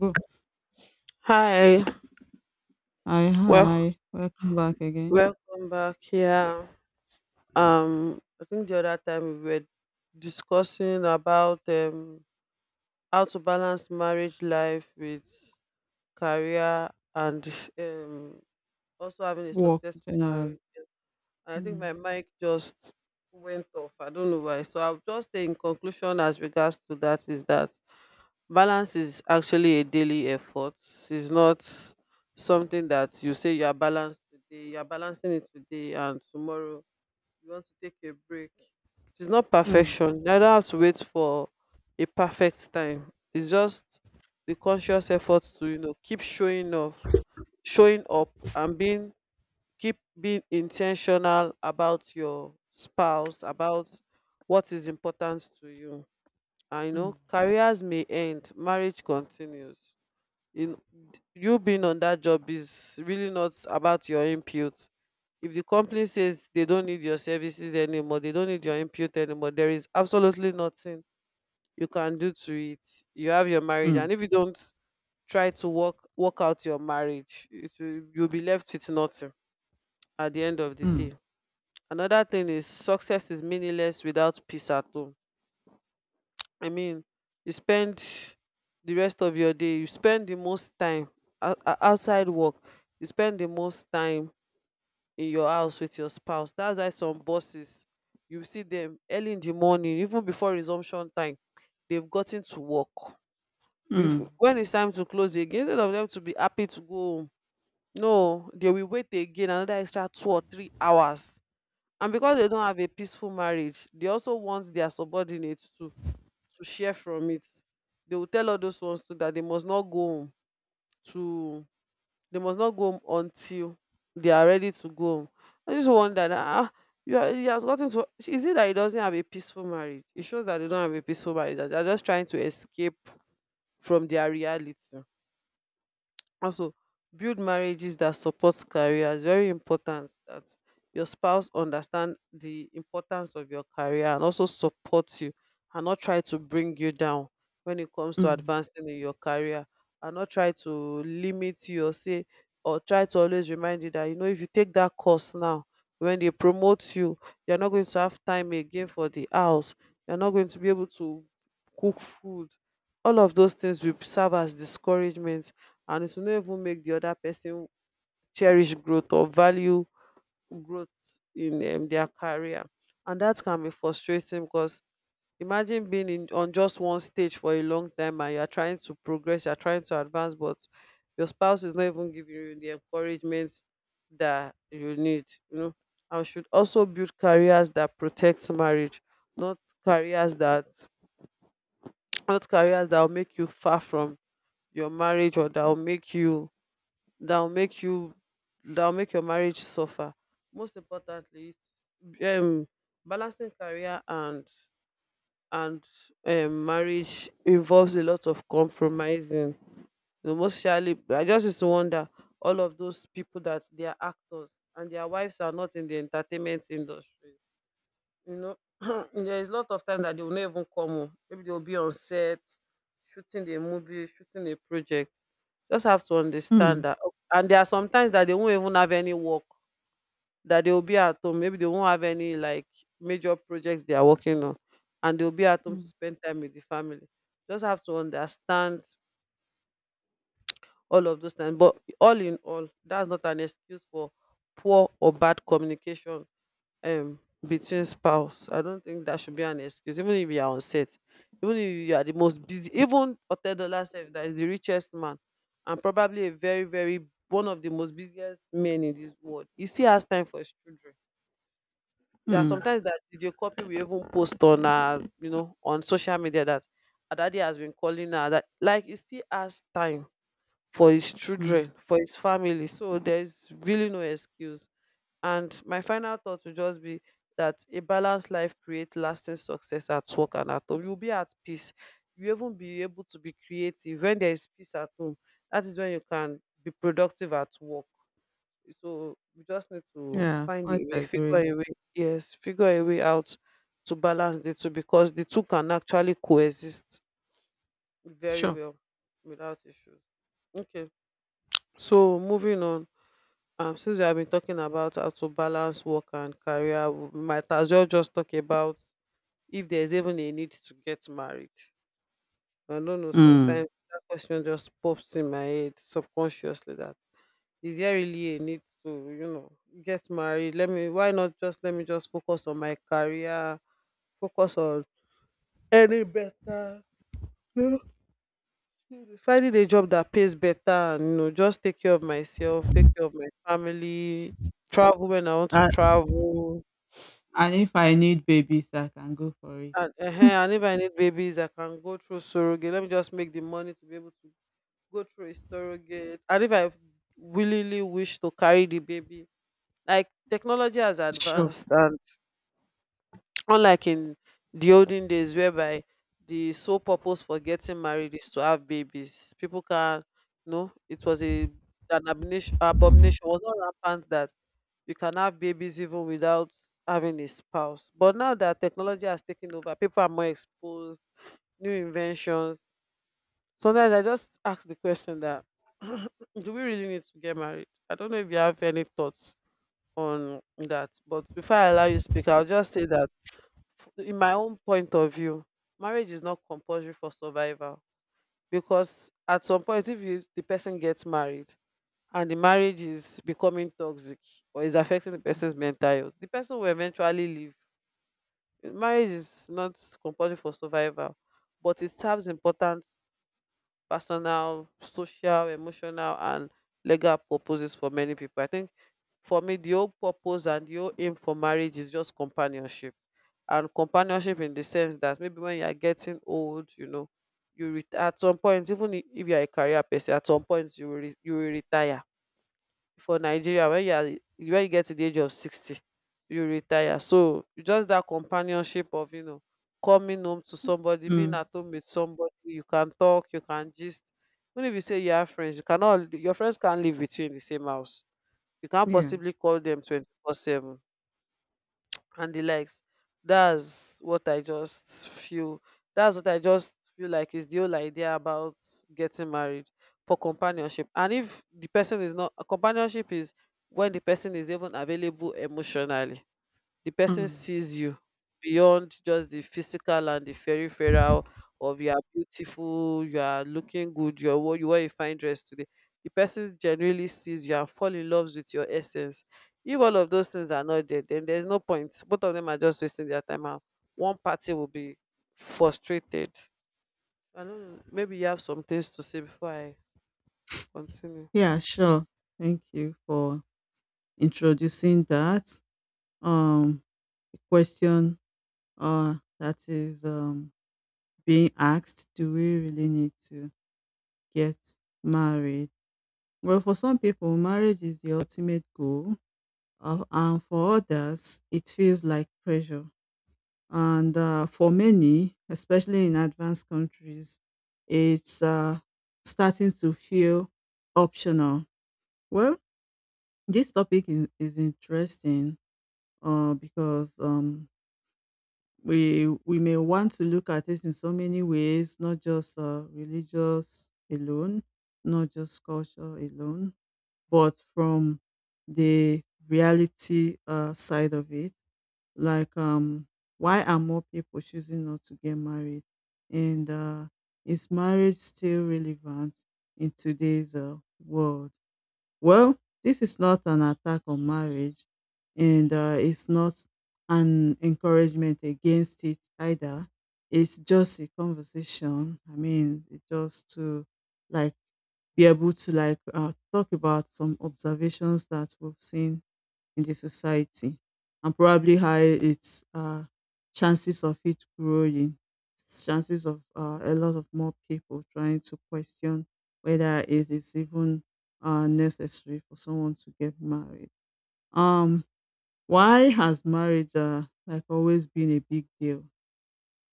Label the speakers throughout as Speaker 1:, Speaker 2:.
Speaker 1: Go.
Speaker 2: Hi,
Speaker 1: "Hi,
Speaker 2: well,
Speaker 1: hi, welcome back again."
Speaker 2: welcome back. Yeah, I think the other time we were discussing about how to balance marriage life with career, and also having a
Speaker 1: Work
Speaker 2: successful
Speaker 1: generally.
Speaker 2: marriage. I think my
Speaker 1: Mm,
Speaker 2: mic just went off. I don't know why. So I'll just say, in conclusion as regards to that, is that balance is actually a daily effort. It's not something that you say you are balanced today, you are balancing it today and tomorrow you want to take a break. It's not
Speaker 1: mm,
Speaker 2: perfection. You don't have to wait for a perfect time. It's just the conscious effort to, you know, keep showing up and being keep being intentional about your spouse, about what is important to you. I know
Speaker 1: mm,
Speaker 2: careers may end, marriage continues. In you being on that job is really not about your input. If the company says they don't need your services anymore, they don't need your input anymore, there is absolutely nothing you can do to it. You have your marriage,
Speaker 1: mm,
Speaker 2: and if you don't try to work out your marriage, it will, you'll be left with nothing at the end of the
Speaker 1: mm,
Speaker 2: day. Another thing is success is meaningless without peace at home. I mean, you spend the rest of your day, you spend the most time outside work, you spend the most time in your house with your spouse. That's why some bosses, you see them early in the morning, even before resumption time, they've gotten to work.
Speaker 1: mm,
Speaker 2: When it's time to close again, instead of them to be happy to go home, no, they will wait again another extra 2 or 3 hours. And because they don't have a peaceful marriage, they also want their subordinates to share from it. They will tell all those ones too that they must not go home to they must not go home until they are ready to go home. I just wonder that you are, he has gotten to, is it that he doesn't have a peaceful marriage? It shows that they don't have a peaceful marriage, that they're just trying to escape from their reality. Also, build marriages that support careers. Very important that your spouse understand the importance of your career and also support you and not try to bring you down when it comes to
Speaker 1: mm,
Speaker 2: advancing in your career, and not try to limit you or say or try to always remind you that, you know, if you take that course now, when they promote you, you're not going to have time again for the house, you're not going to be able to cook food. All of those things will serve as discouragement, and it will not even make the other person cherish growth or value growth in their career. And that can be frustrating because imagine being in on just one stage for a long time and you are trying to progress, you are trying to advance, but your spouse is not even giving you the encouragement that you need, you know. And we should also build careers that protect marriage, not careers that will make you far from your marriage, or that will make you that'll make you that'll make your marriage suffer. Most importantly, it's, um, balancing career and and marriage involves a lot of compromising. You know, most surely, I just used to wonder all of those people that they are actors and their wives are not in the entertainment industry. You know, there is a lot of time that they will not even come home. Maybe they'll be on set, shooting a movie, shooting a project. Just have to
Speaker 1: mm,
Speaker 2: understand that. And there are some times that they won't even have any work, that they will be at home. Maybe they won't have any like major projects they are working on, and they'll be at home to
Speaker 1: mm,
Speaker 2: spend time with the family. Just have to understand all of those things. But all in all, that's not an excuse for poor or bad communication um between spouse. I don't think that should be an excuse, even if you are on set, even if you are the most busy. Even Otedola sef, that is the richest man and probably a very, very one of the most busiest men in this world, he still has time for his children. Yeah,
Speaker 1: mm,
Speaker 2: sometimes that video copy we even post on you know on social media, that her daddy has been calling her, that like he still has time for his
Speaker 1: mm.
Speaker 2: children, for his family. So there's really no excuse. And my final thought will just be that a balanced life creates lasting success at work and at home. You'll be at peace. You even be able to be creative. When there is peace at home, that is when you can be productive at work. So we just need to
Speaker 1: Yeah,
Speaker 2: find a
Speaker 1: quite
Speaker 2: way, figure
Speaker 1: agree.
Speaker 2: a way, yes, figure a way out to balance the two, because the two can actually coexist very
Speaker 1: Sure.
Speaker 2: well without issues. Okay. So moving on, since we have been talking about how to balance work and career, we might as well just talk about if there's even a need to get married. I don't know,
Speaker 1: Mm.
Speaker 2: sometimes that question just pops in my head subconsciously that is there really a need to, you know, get married? Let me Why not just let me just focus on my career, focus on any better finding a job that pays better, and you know just take care of myself, take care of my family, travel when I want to
Speaker 1: Uh,
Speaker 2: travel,
Speaker 1: And if I need babies, I can go for it.
Speaker 2: and if I need babies I can go through surrogate. Let me just make the money to be able to go through a surrogate, and if I willingly wish to carry the baby, like technology has
Speaker 1: Sure.
Speaker 2: advanced and. Unlike in the olden days whereby the sole purpose for getting married is to have babies. People can, no, it was a an abomination. It was not rampant that you can have babies even without having a spouse, but now that technology has taken over, people are more exposed, new inventions. Sometimes I just ask the question that do we really need to get married? I don't know if you have any thoughts on that, but before I allow you to speak, I'll just say that in my own point of view, marriage is not compulsory for survival, because at some point, if you, the person gets married and the marriage is becoming toxic or is affecting the person's mental health, the person will eventually leave. Marriage is not compulsory for survival, but it serves important personal, social, emotional, and legal purposes for many people. I think for me, the whole purpose and the whole aim for marriage is just companionship. And companionship in the sense that maybe when you are getting old, you know, you at some point, even if you are a career person, at some point you will, you will retire. For Nigeria, when you are when you get to the age of 60, you retire. So just that companionship of, you know, coming home to somebody, being
Speaker 1: Mm.
Speaker 2: at home with somebody you can talk, you can gist. Even if you say you have friends, you cannot, your friends can't live with you in the same house, you can't
Speaker 1: Yeah.
Speaker 2: possibly call them 24/7 and the likes. That's what I just feel. That's what I just feel like is the whole idea about getting married, for companionship. And if the person is not, companionship is when the person is even available emotionally, the person
Speaker 1: Mm.
Speaker 2: sees you beyond just the physical and the peripheral of you are beautiful, you are looking good, you are you wear a fine dress today. The person genuinely sees you and fall in love with your essence. If all of those things are not there, then there's no point. Both of them are just wasting their time. And one party will be frustrated. I don't know. Maybe you have some things to say before I continue.
Speaker 1: Yeah, sure. Thank you for introducing that. Um a question that is being asked, do we really need to get married? Well, for some people, marriage is the ultimate goal, and for others, it feels like pressure. And for many, especially in advanced countries, it's starting to feel optional. Well, this topic is interesting because we may want to look at it in so many ways, not just religious alone, not just culture alone but from the reality side of it, like why are more people choosing not to get married, and is marriage still relevant in today's world? Well, this is not an attack on marriage, and it's not an encouragement against it either. It's just a conversation. I mean, it's just to like be able to like talk about some observations that we've seen in the society and probably how its chances of it growing, chances of a lot of more people trying to question whether it is even necessary for someone to get married. Um, why has marriage like always been a big deal?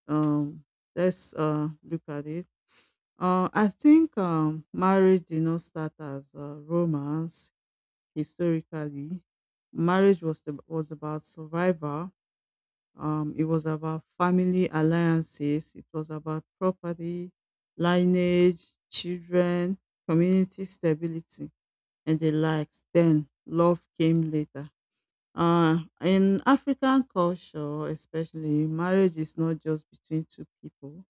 Speaker 1: Um, let's look at it. I think marriage did not start as a romance historically. Marriage was was about survival. It was about family alliances. It was about property, lineage, children, community stability, and the likes. Then love came later. In African culture, especially, marriage is not just between two people.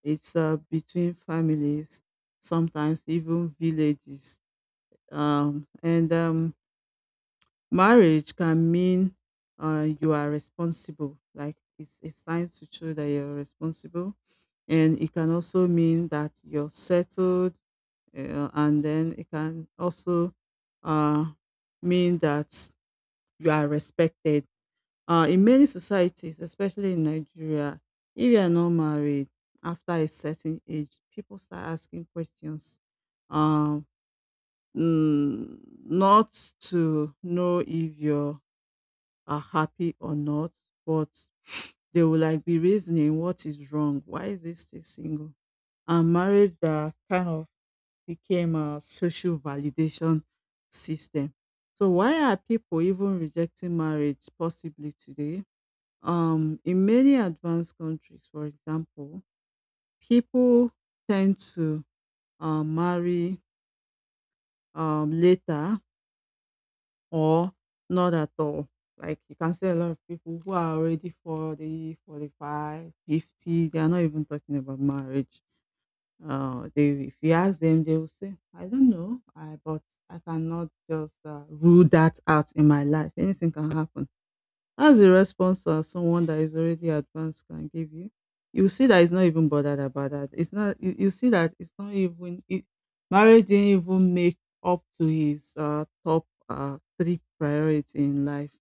Speaker 1: It's between families, sometimes even villages. And marriage can mean you are responsible. Like it's a sign to show that you're responsible. And it can also mean that you're settled. And then it can also uh, mean that you are respected in many societies, especially in Nigeria. If you are not married after a certain age, people start asking questions. Um, mm, Not to know if you are happy or not, but they will like be reasoning what is wrong, why is this still single? And marriage that kind of became a social validation system. So why are people even rejecting marriage possibly today? In many advanced countries, for example, people tend to marry later or not at all. Like you can see a lot of people who are already 40, 45, 50, they are not even talking about marriage. They, if you ask them, they will say, I don't know, but I cannot just rule that out in my life. Anything can happen. As a response to someone that is already advanced can give you? You see that it's not even bothered about that. It's not. You see that it's not even. Marriage didn't even make up to his top three priority in life.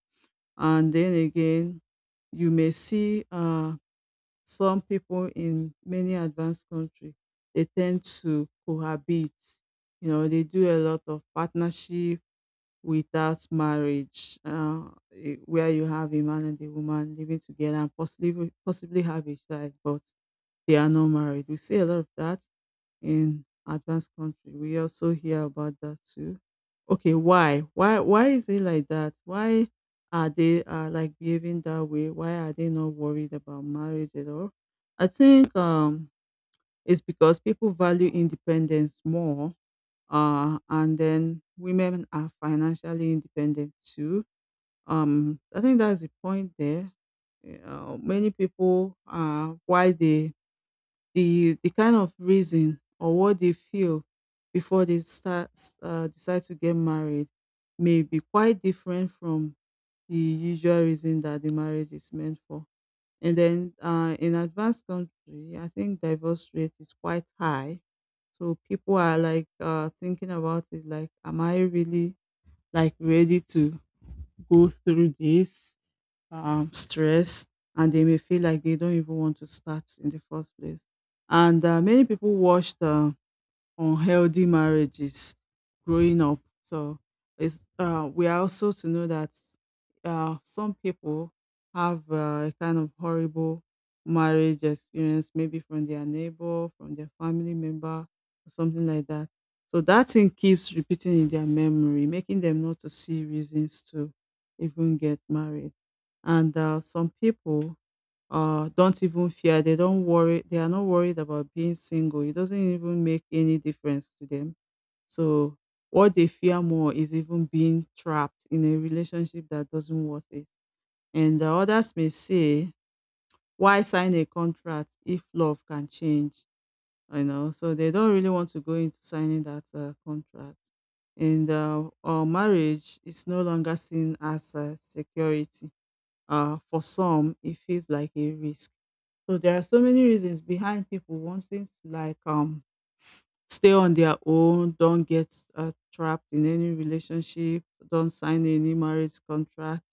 Speaker 1: And then again, you may see some people in many advanced countries. They tend to cohabit. You know, they do a lot of partnership without marriage, where you have a man and a woman living together and possibly have a child, but they are not married. We see a lot of that in advanced country. We also hear about that too. Okay, why? Why? Why is it like that? Why are they like behaving that way? Why are they not worried about marriage at all? I think it's because people value independence more, and then women are financially independent too. I think that's the point there. Many people are why they the kind of reason or what they feel before they start decide to get married may be quite different from the usual reason that the marriage is meant for. And then in advanced country, I think divorce rate is quite high. So people are like thinking about it, like, am I really like ready to go through this stress, and they may feel like they don't even want to start in the first place. And many people watch the unhealthy marriages growing up. So it's we are also to know that some people have a kind of horrible marriage experience, maybe from their neighbor, from their family member, or something like that. So that thing keeps repeating in their memory, making them not to see reasons to even get married. And some people don't even fear. They don't worry. They are not worried about being single. It doesn't even make any difference to them. So what they fear more is even being trapped in a relationship that doesn't worth it. And the others may say, why sign a contract if love can change? You know, so they don't really want to go into signing that contract. And marriage is no longer seen as a security. For some, it feels like a risk, so there are so many reasons behind people wanting to like stay on their own, don't get trapped in any relationship, don't sign any marriage contract.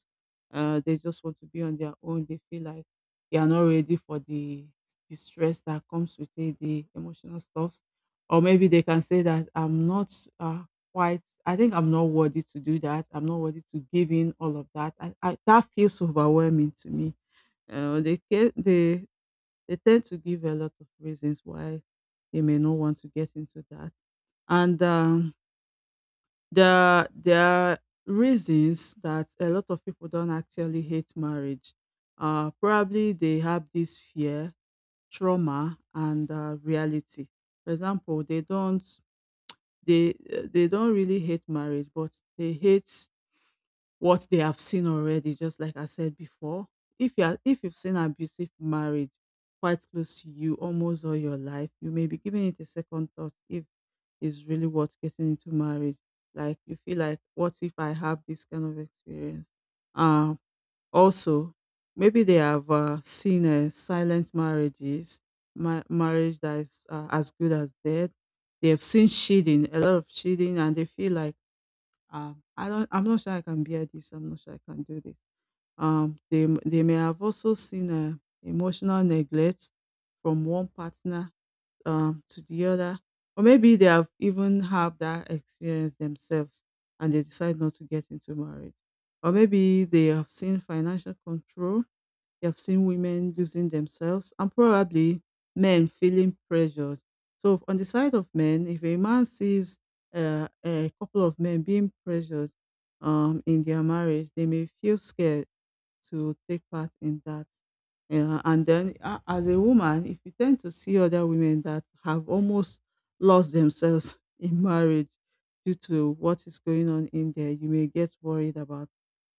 Speaker 1: They just want to be on their own. They feel like they are not ready for the stress that comes with it, the emotional stuff. Or maybe they can say that I'm not quite. I think I'm not worthy to do that. I'm not worthy to give in all of that. That feels overwhelming to me. Uh, they ca- they they tend to give a lot of reasons why they may not want to get into that. And there are reasons that a lot of people don't actually hate marriage. Probably they have this fear, trauma, and reality. For example, they don't really hate marriage, but they hate what they have seen already, just like I said before. If you've seen abusive marriage quite close to you almost all your life, you may be giving it a second thought if it's really worth getting into marriage. Like you feel like, what if I have this kind of experience? Um, Also, maybe they have seen silent marriages, marriage that is as good as dead. They have seen cheating, a lot of cheating, and they feel like I'm not sure I can bear this. I'm not sure I can do this. They may have also seen emotional neglect from one partner to the other, or maybe they have even have that experience themselves and they decide not to get into marriage, or maybe they have seen financial control. You've seen women losing themselves and probably men feeling pressured. So on the side of men, if a man sees a couple of men being pressured in their marriage, they may feel scared to take part in that. And then as a woman, if you tend to see other women that have almost lost themselves in marriage due to what is going on in there, you may get worried about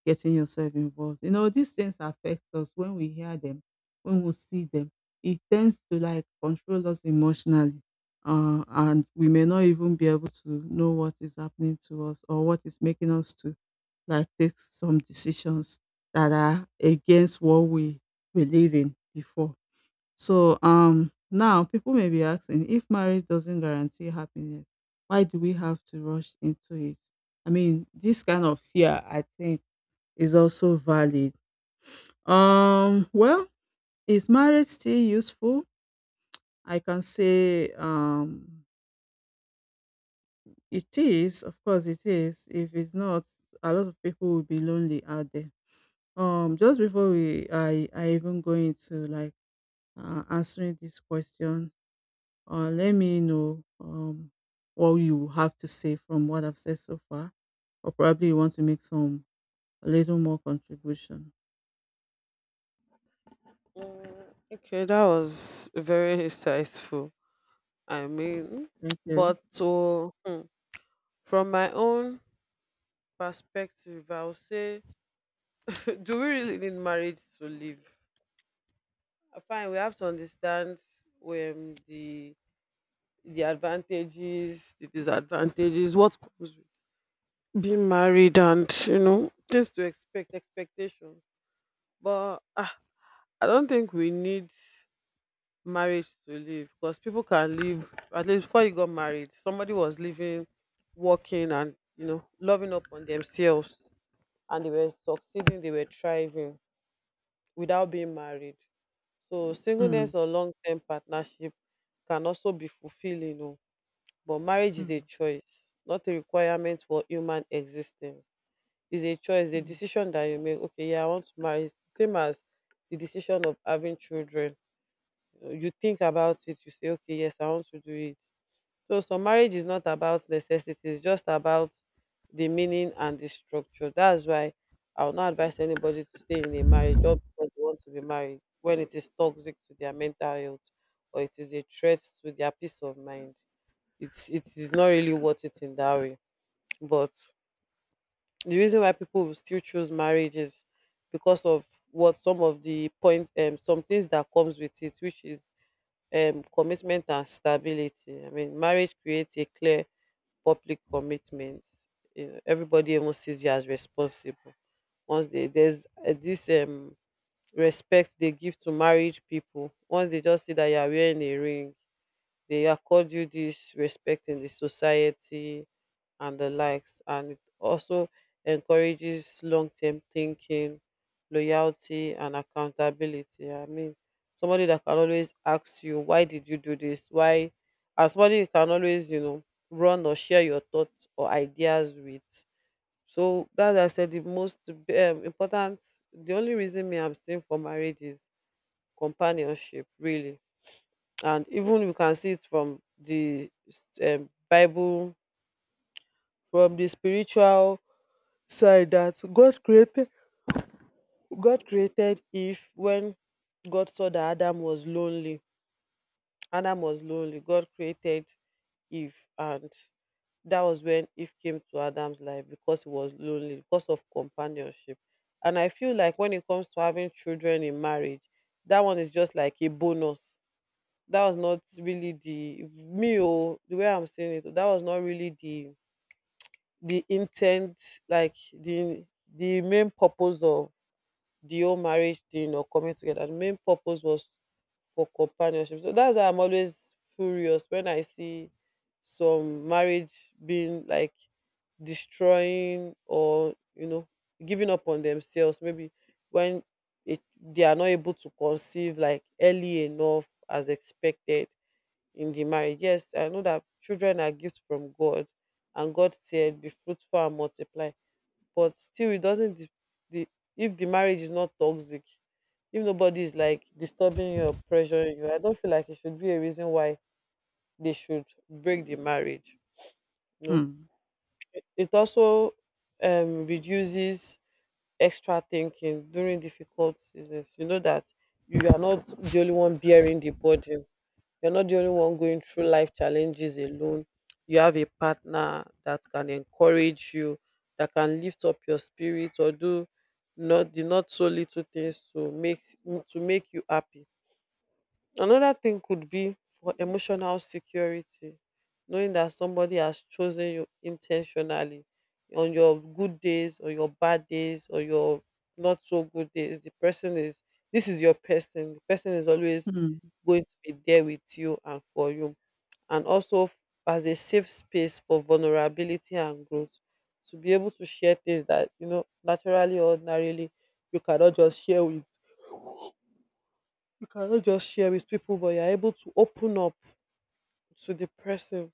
Speaker 1: getting yourself involved. You know, these things affect us when we hear them, when we see them. It tends to like control us emotionally. And we may not even be able to know what is happening to us or what is making us to like take some decisions that are against what we believe in before. So now people may be asking, if marriage doesn't guarantee happiness, why do we have to rush into it? I mean, this kind of fear, I think is also valid. Well, is marriage still useful? I can say it is. Of course, it is. If it's not, a lot of people will be lonely out there. Just before I even go into like answering this question, let me know what you have to say from what I've said so far, or probably you want to make some a little more contribution.
Speaker 2: Mm, okay, that was very insightful. I mean,
Speaker 1: Thank you.
Speaker 2: but to from my own perspective, I would say, do we really need marriage to live? Fine, we have to understand when the advantages, the disadvantages, what comes with being married, and you know things to expect, expectation. But I don't think we need marriage to live, because people can live. At least before you got married, somebody was living, working, and you know loving up on themselves, and they were succeeding, they were thriving without being married. So
Speaker 1: Hmm.
Speaker 2: singleness or long term partnership can also be fulfilling, oh, but marriage is a
Speaker 1: Hmm.
Speaker 2: choice, not a requirement for human existence. It's a choice, a
Speaker 1: Hmm.
Speaker 2: decision that you make. Okay, yeah, I want to marry. It's the same as the decision of having children. You know, you think about it, you say, okay, yes, I want to do it. So some marriage is not about necessity, it's just about the meaning and the structure. That's why I would not advise anybody to stay in a marriage just because they want to be married when it is toxic to their mental health or it is a threat to their peace of mind. It is not really worth it in that way. But the reason why people will still choose marriage is because of what some of the points some things that comes with it, which is commitment and stability. I mean, marriage creates a clear public commitments. You know, everybody even sees you as responsible. Once they There's this respect they give to married people. Once they just see that you are wearing a ring, they accord you this respect in the society and the likes, and it also encourages long-term thinking, loyalty, and accountability. I mean, somebody that can always ask you, why did you do this, why? And somebody you can always, you know, run or share your thoughts or ideas with. So that I said the most important, the only reason me I'm staying for marriage is companionship, really. And even you can see it from the Bible, from the spiritual side that God created Eve. When God saw that Adam was lonely, God created Eve, and that was when Eve came to Adam's life because he was lonely, because of companionship. And I feel like when it comes to having children in marriage, that one is just like a bonus. That was not really the, me, oh, the way I'm saying it, that was not really the intent, like the main purpose of the whole marriage thing or coming together. The main purpose was for companionship. So that's why I'm always furious when I see some marriage being like destroying, or, you know, giving up on themselves, maybe when they are not able to conceive like early enough as expected in the marriage. Yes, I know that children are gifts from God, and God said, "Be fruitful and multiply." But still, it doesn't. The If the marriage is not toxic, if nobody is like disturbing you or pressuring you, I don't feel like it should be a reason why they should break the marriage. You know,
Speaker 1: Hmm.
Speaker 2: it also reduces extra thinking during difficult seasons. You know that you are not the only one bearing the burden. You're not the only one going through life challenges alone. You have a partner that can encourage you, that can lift up your spirit, or do not the not so little things to make you happy. Another thing could be for emotional security, knowing that somebody has chosen you intentionally on your good days or your bad days or your not so good days. The person is This is your person. The person is always
Speaker 1: Hmm.
Speaker 2: going to be there with you and for you. And also as a safe space for vulnerability and growth. To be able to share things that, you know, naturally, ordinarily, you cannot just share with you cannot just share with people, but you're able to open up to the person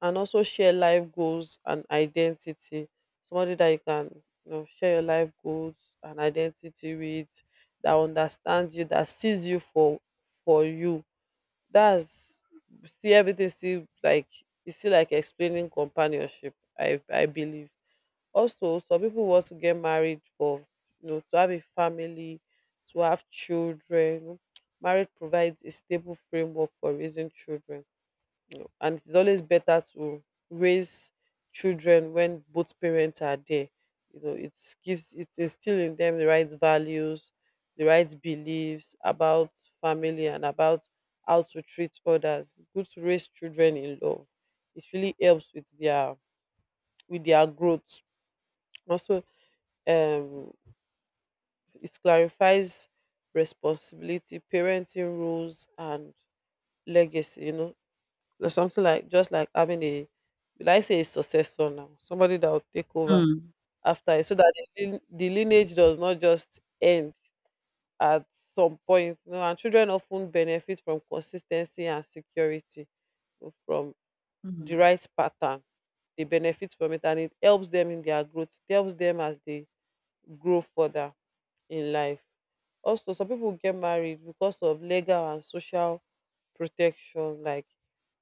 Speaker 2: and also share life goals and identity. Somebody that you can, you know, share your life goals and identity with, that understands you, that sees you for you. That's, see everything. See, like it's still like explaining companionship, I believe. Also, some people want to get married for, you know, to have a family, to have children. Marriage provides a stable framework for raising children. You know, and it's always better to raise children when both parents are there. You know, it gives it instill in them the right values, the right beliefs about family and about how to treat others. Good to raise children in love. It really helps with their growth. Also, um it clarifies responsibility, parenting rules, and legacy, you know, or something like just like having a will, I say, a successor now, somebody that will take over
Speaker 1: Mm,
Speaker 2: after it, so that the, the lineage does not just end at some point. You know, and children often benefit from consistency and security, you know, from the
Speaker 1: mm,
Speaker 2: right pattern. They benefit from it, and it helps them in their growth. It helps them as they grow further in life. Also, some people get married because of legal and social protection, like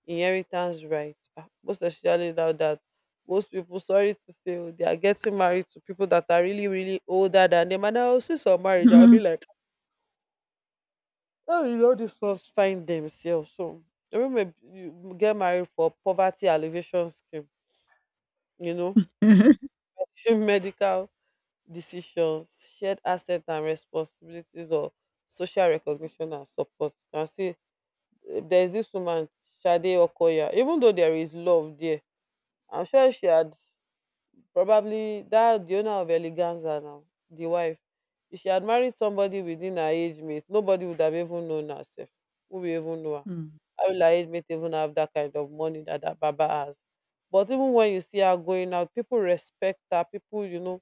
Speaker 2: inheritance rights. Ah, most especially now that most people, sorry to say, oh, they are getting married to people that are really, really older than them. And I'll see some marriage, I'll
Speaker 1: mhm,
Speaker 2: be like, oh, you know, these ones find themselves. So, women you get married for poverty alleviation scheme, you know, medical decisions, shared assets and responsibilities, or social recognition and support. You can see, eh, there is this woman, Shade Okoya. Even though there is love there, I'm sure she had probably, that the owner of Eleganza now, the wife. If she had married somebody within her age mate, nobody would have even known herself. Who will even know her?
Speaker 1: mm,
Speaker 2: How will her age mate even have that kind of money that Baba has? But even when you see her going out, people respect her. People, you know,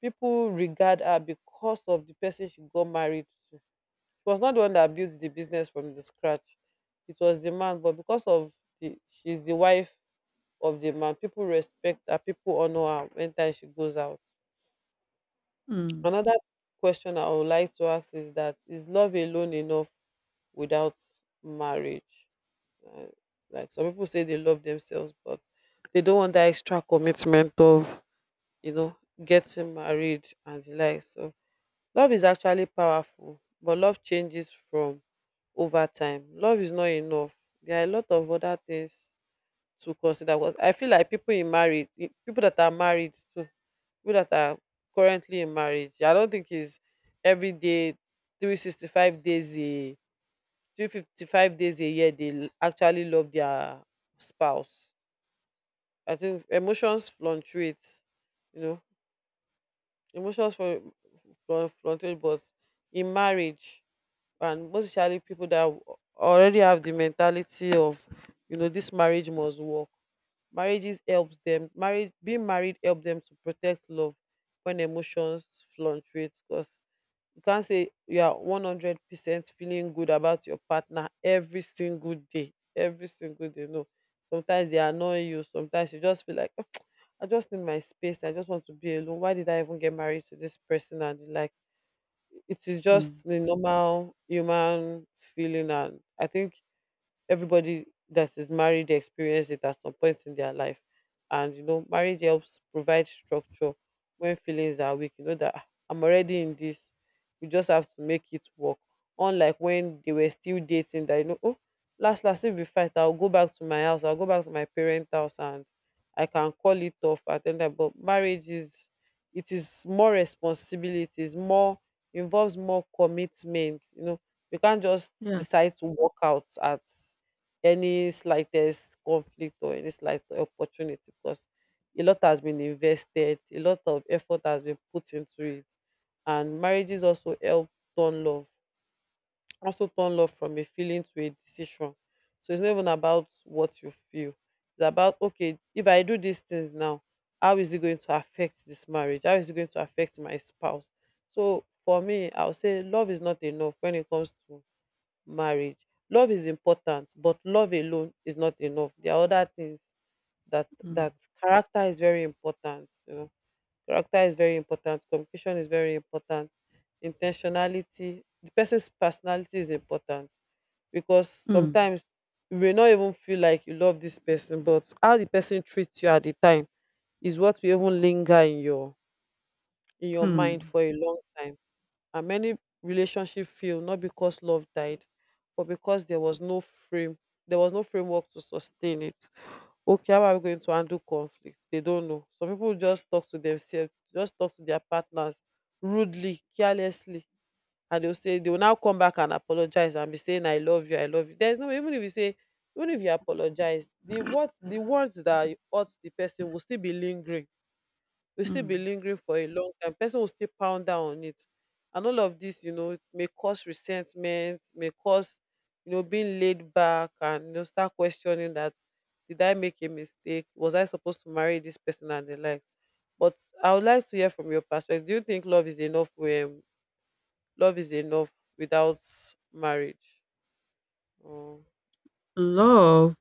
Speaker 2: people regard her because of the person she got married to. She was not the one that built the business from the scratch. It was the man, but because of the she's the wife of the man, people respect her, people honor her when time she goes out.
Speaker 1: mm,
Speaker 2: Another question I would like to ask is that, is love alone enough without marriage? Uh, like some people say they love themselves, but they don't want that extra commitment of, you know, getting married and the like. So love is actually powerful, but love changes from over time. Love is not enough. There are a lot of other things to consider. Because I feel like people in marriage, people that are married to people that are currently in marriage, I don't think is every day, 365 days a, 355 days a year they actually love their spouse. I think emotions fluctuate, you know, emotions fluctuate, but in marriage, and most especially people that already have the mentality of, you know, this marriage must work. Marriage, being married, helps them to protect love when emotions fluctuate, because you can't say you are 100% feeling good about your partner every single day, every single day, no. Sometimes they annoy you, sometimes you just feel like, "Ah, I just need my space, I just want to be alone, why did I even get married to this person," and the like. It is
Speaker 1: mm,
Speaker 2: just the normal human feeling, and I think everybody that is married experience it at some point in their life. And, you know, marriage helps provide structure when feelings are weak. You know that, "Ah, I'm already in this, you just have to make it work." Unlike when they were still dating, that, you know, oh, last last, if we fight, I'll go back to my house, I'll go back to my parents house, and I can call it off at any time. But marriage is, it is more responsibilities, more, involves more commitment, you know. You can't just
Speaker 1: yes,
Speaker 2: decide to walk out at any slightest conflict or any slight opportunity, because a lot has been invested, a lot of effort has been put into it. And marriages also help turn love, also turn love from a feeling to a decision. So it's not even about what you feel. It's about, okay, if I do these things now, how is it going to affect this marriage? How is it going to affect my spouse? So for me, I would say love is not enough when it comes to marriage. Love is important, but love alone is not enough. There are other things that
Speaker 1: mm,
Speaker 2: that character is very important. You know, character is very important. Communication is very important. Intentionality, the person's personality is important, because
Speaker 1: mm,
Speaker 2: sometimes you may not even feel like you love this person, but how the person treats you at the time is what will even linger in your mind
Speaker 1: mm,
Speaker 2: for a long time. And many relationship fail not because love died, but because there was no frame there was no framework to sustain it. Okay, how are we going to handle conflict? They don't know. Some people just talk to themselves, just talk to their partners rudely, carelessly, and they'll say, they will now come back and apologize and be saying, "I love you, I love you." There's no, even if you apologize, the words that hurt the person will still be lingering, will still be
Speaker 1: mm.
Speaker 2: lingering for a long time. Person will still pound down on it. And all of this, you know, it may cause resentment, may cause, you know, being laid back, and, you know, start questioning that, did I make a mistake? Was I supposed to marry this person, and the likes? But I would like to hear from your perspective. Do you think love is enough, when love is enough without marriage? Or
Speaker 1: Love,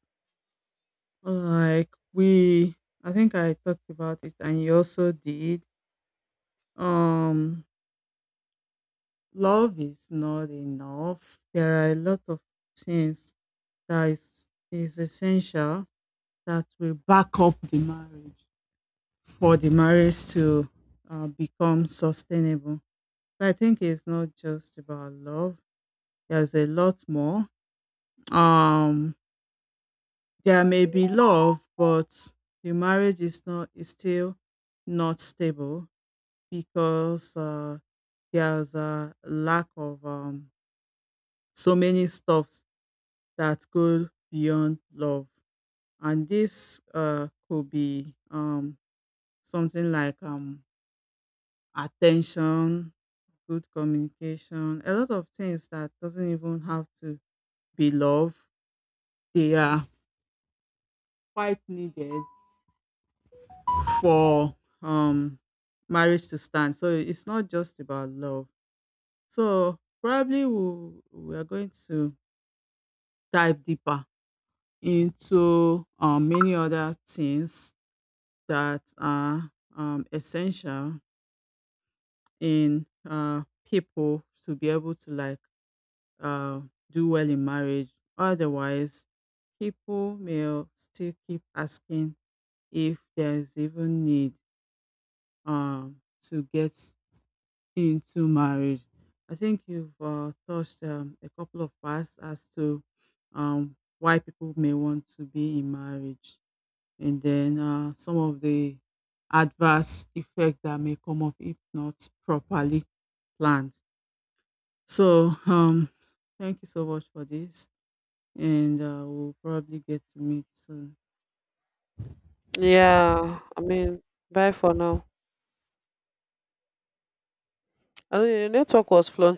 Speaker 1: like we, I think I talked about it, and you also did. Um, Love is not enough. There are a lot of things that is essential that will back up the marriage for the marriage to become sustainable. I think it's not just about love. There's a lot more. Um, there may be love, but the marriage is still not stable because there's a lack of so many stuffs that go beyond love, and this could be something like attention, good communication, a lot of things that doesn't even have to be love. They are quite needed for um marriage to stand. So it's not just about love. So probably we are going to dive deeper into many other things that are essential in people to be able to like uh, do well in marriage. Otherwise, people may still keep asking if there is even need to get into marriage. I think you've touched a couple of parts as to why people may want to be in marriage, and then some of the adverse effect that may come up if not properly planned. So, thank you so much for this, and we'll probably get to meet soon.
Speaker 2: Yeah, I mean, bye for now. I know, your network was fluctuating.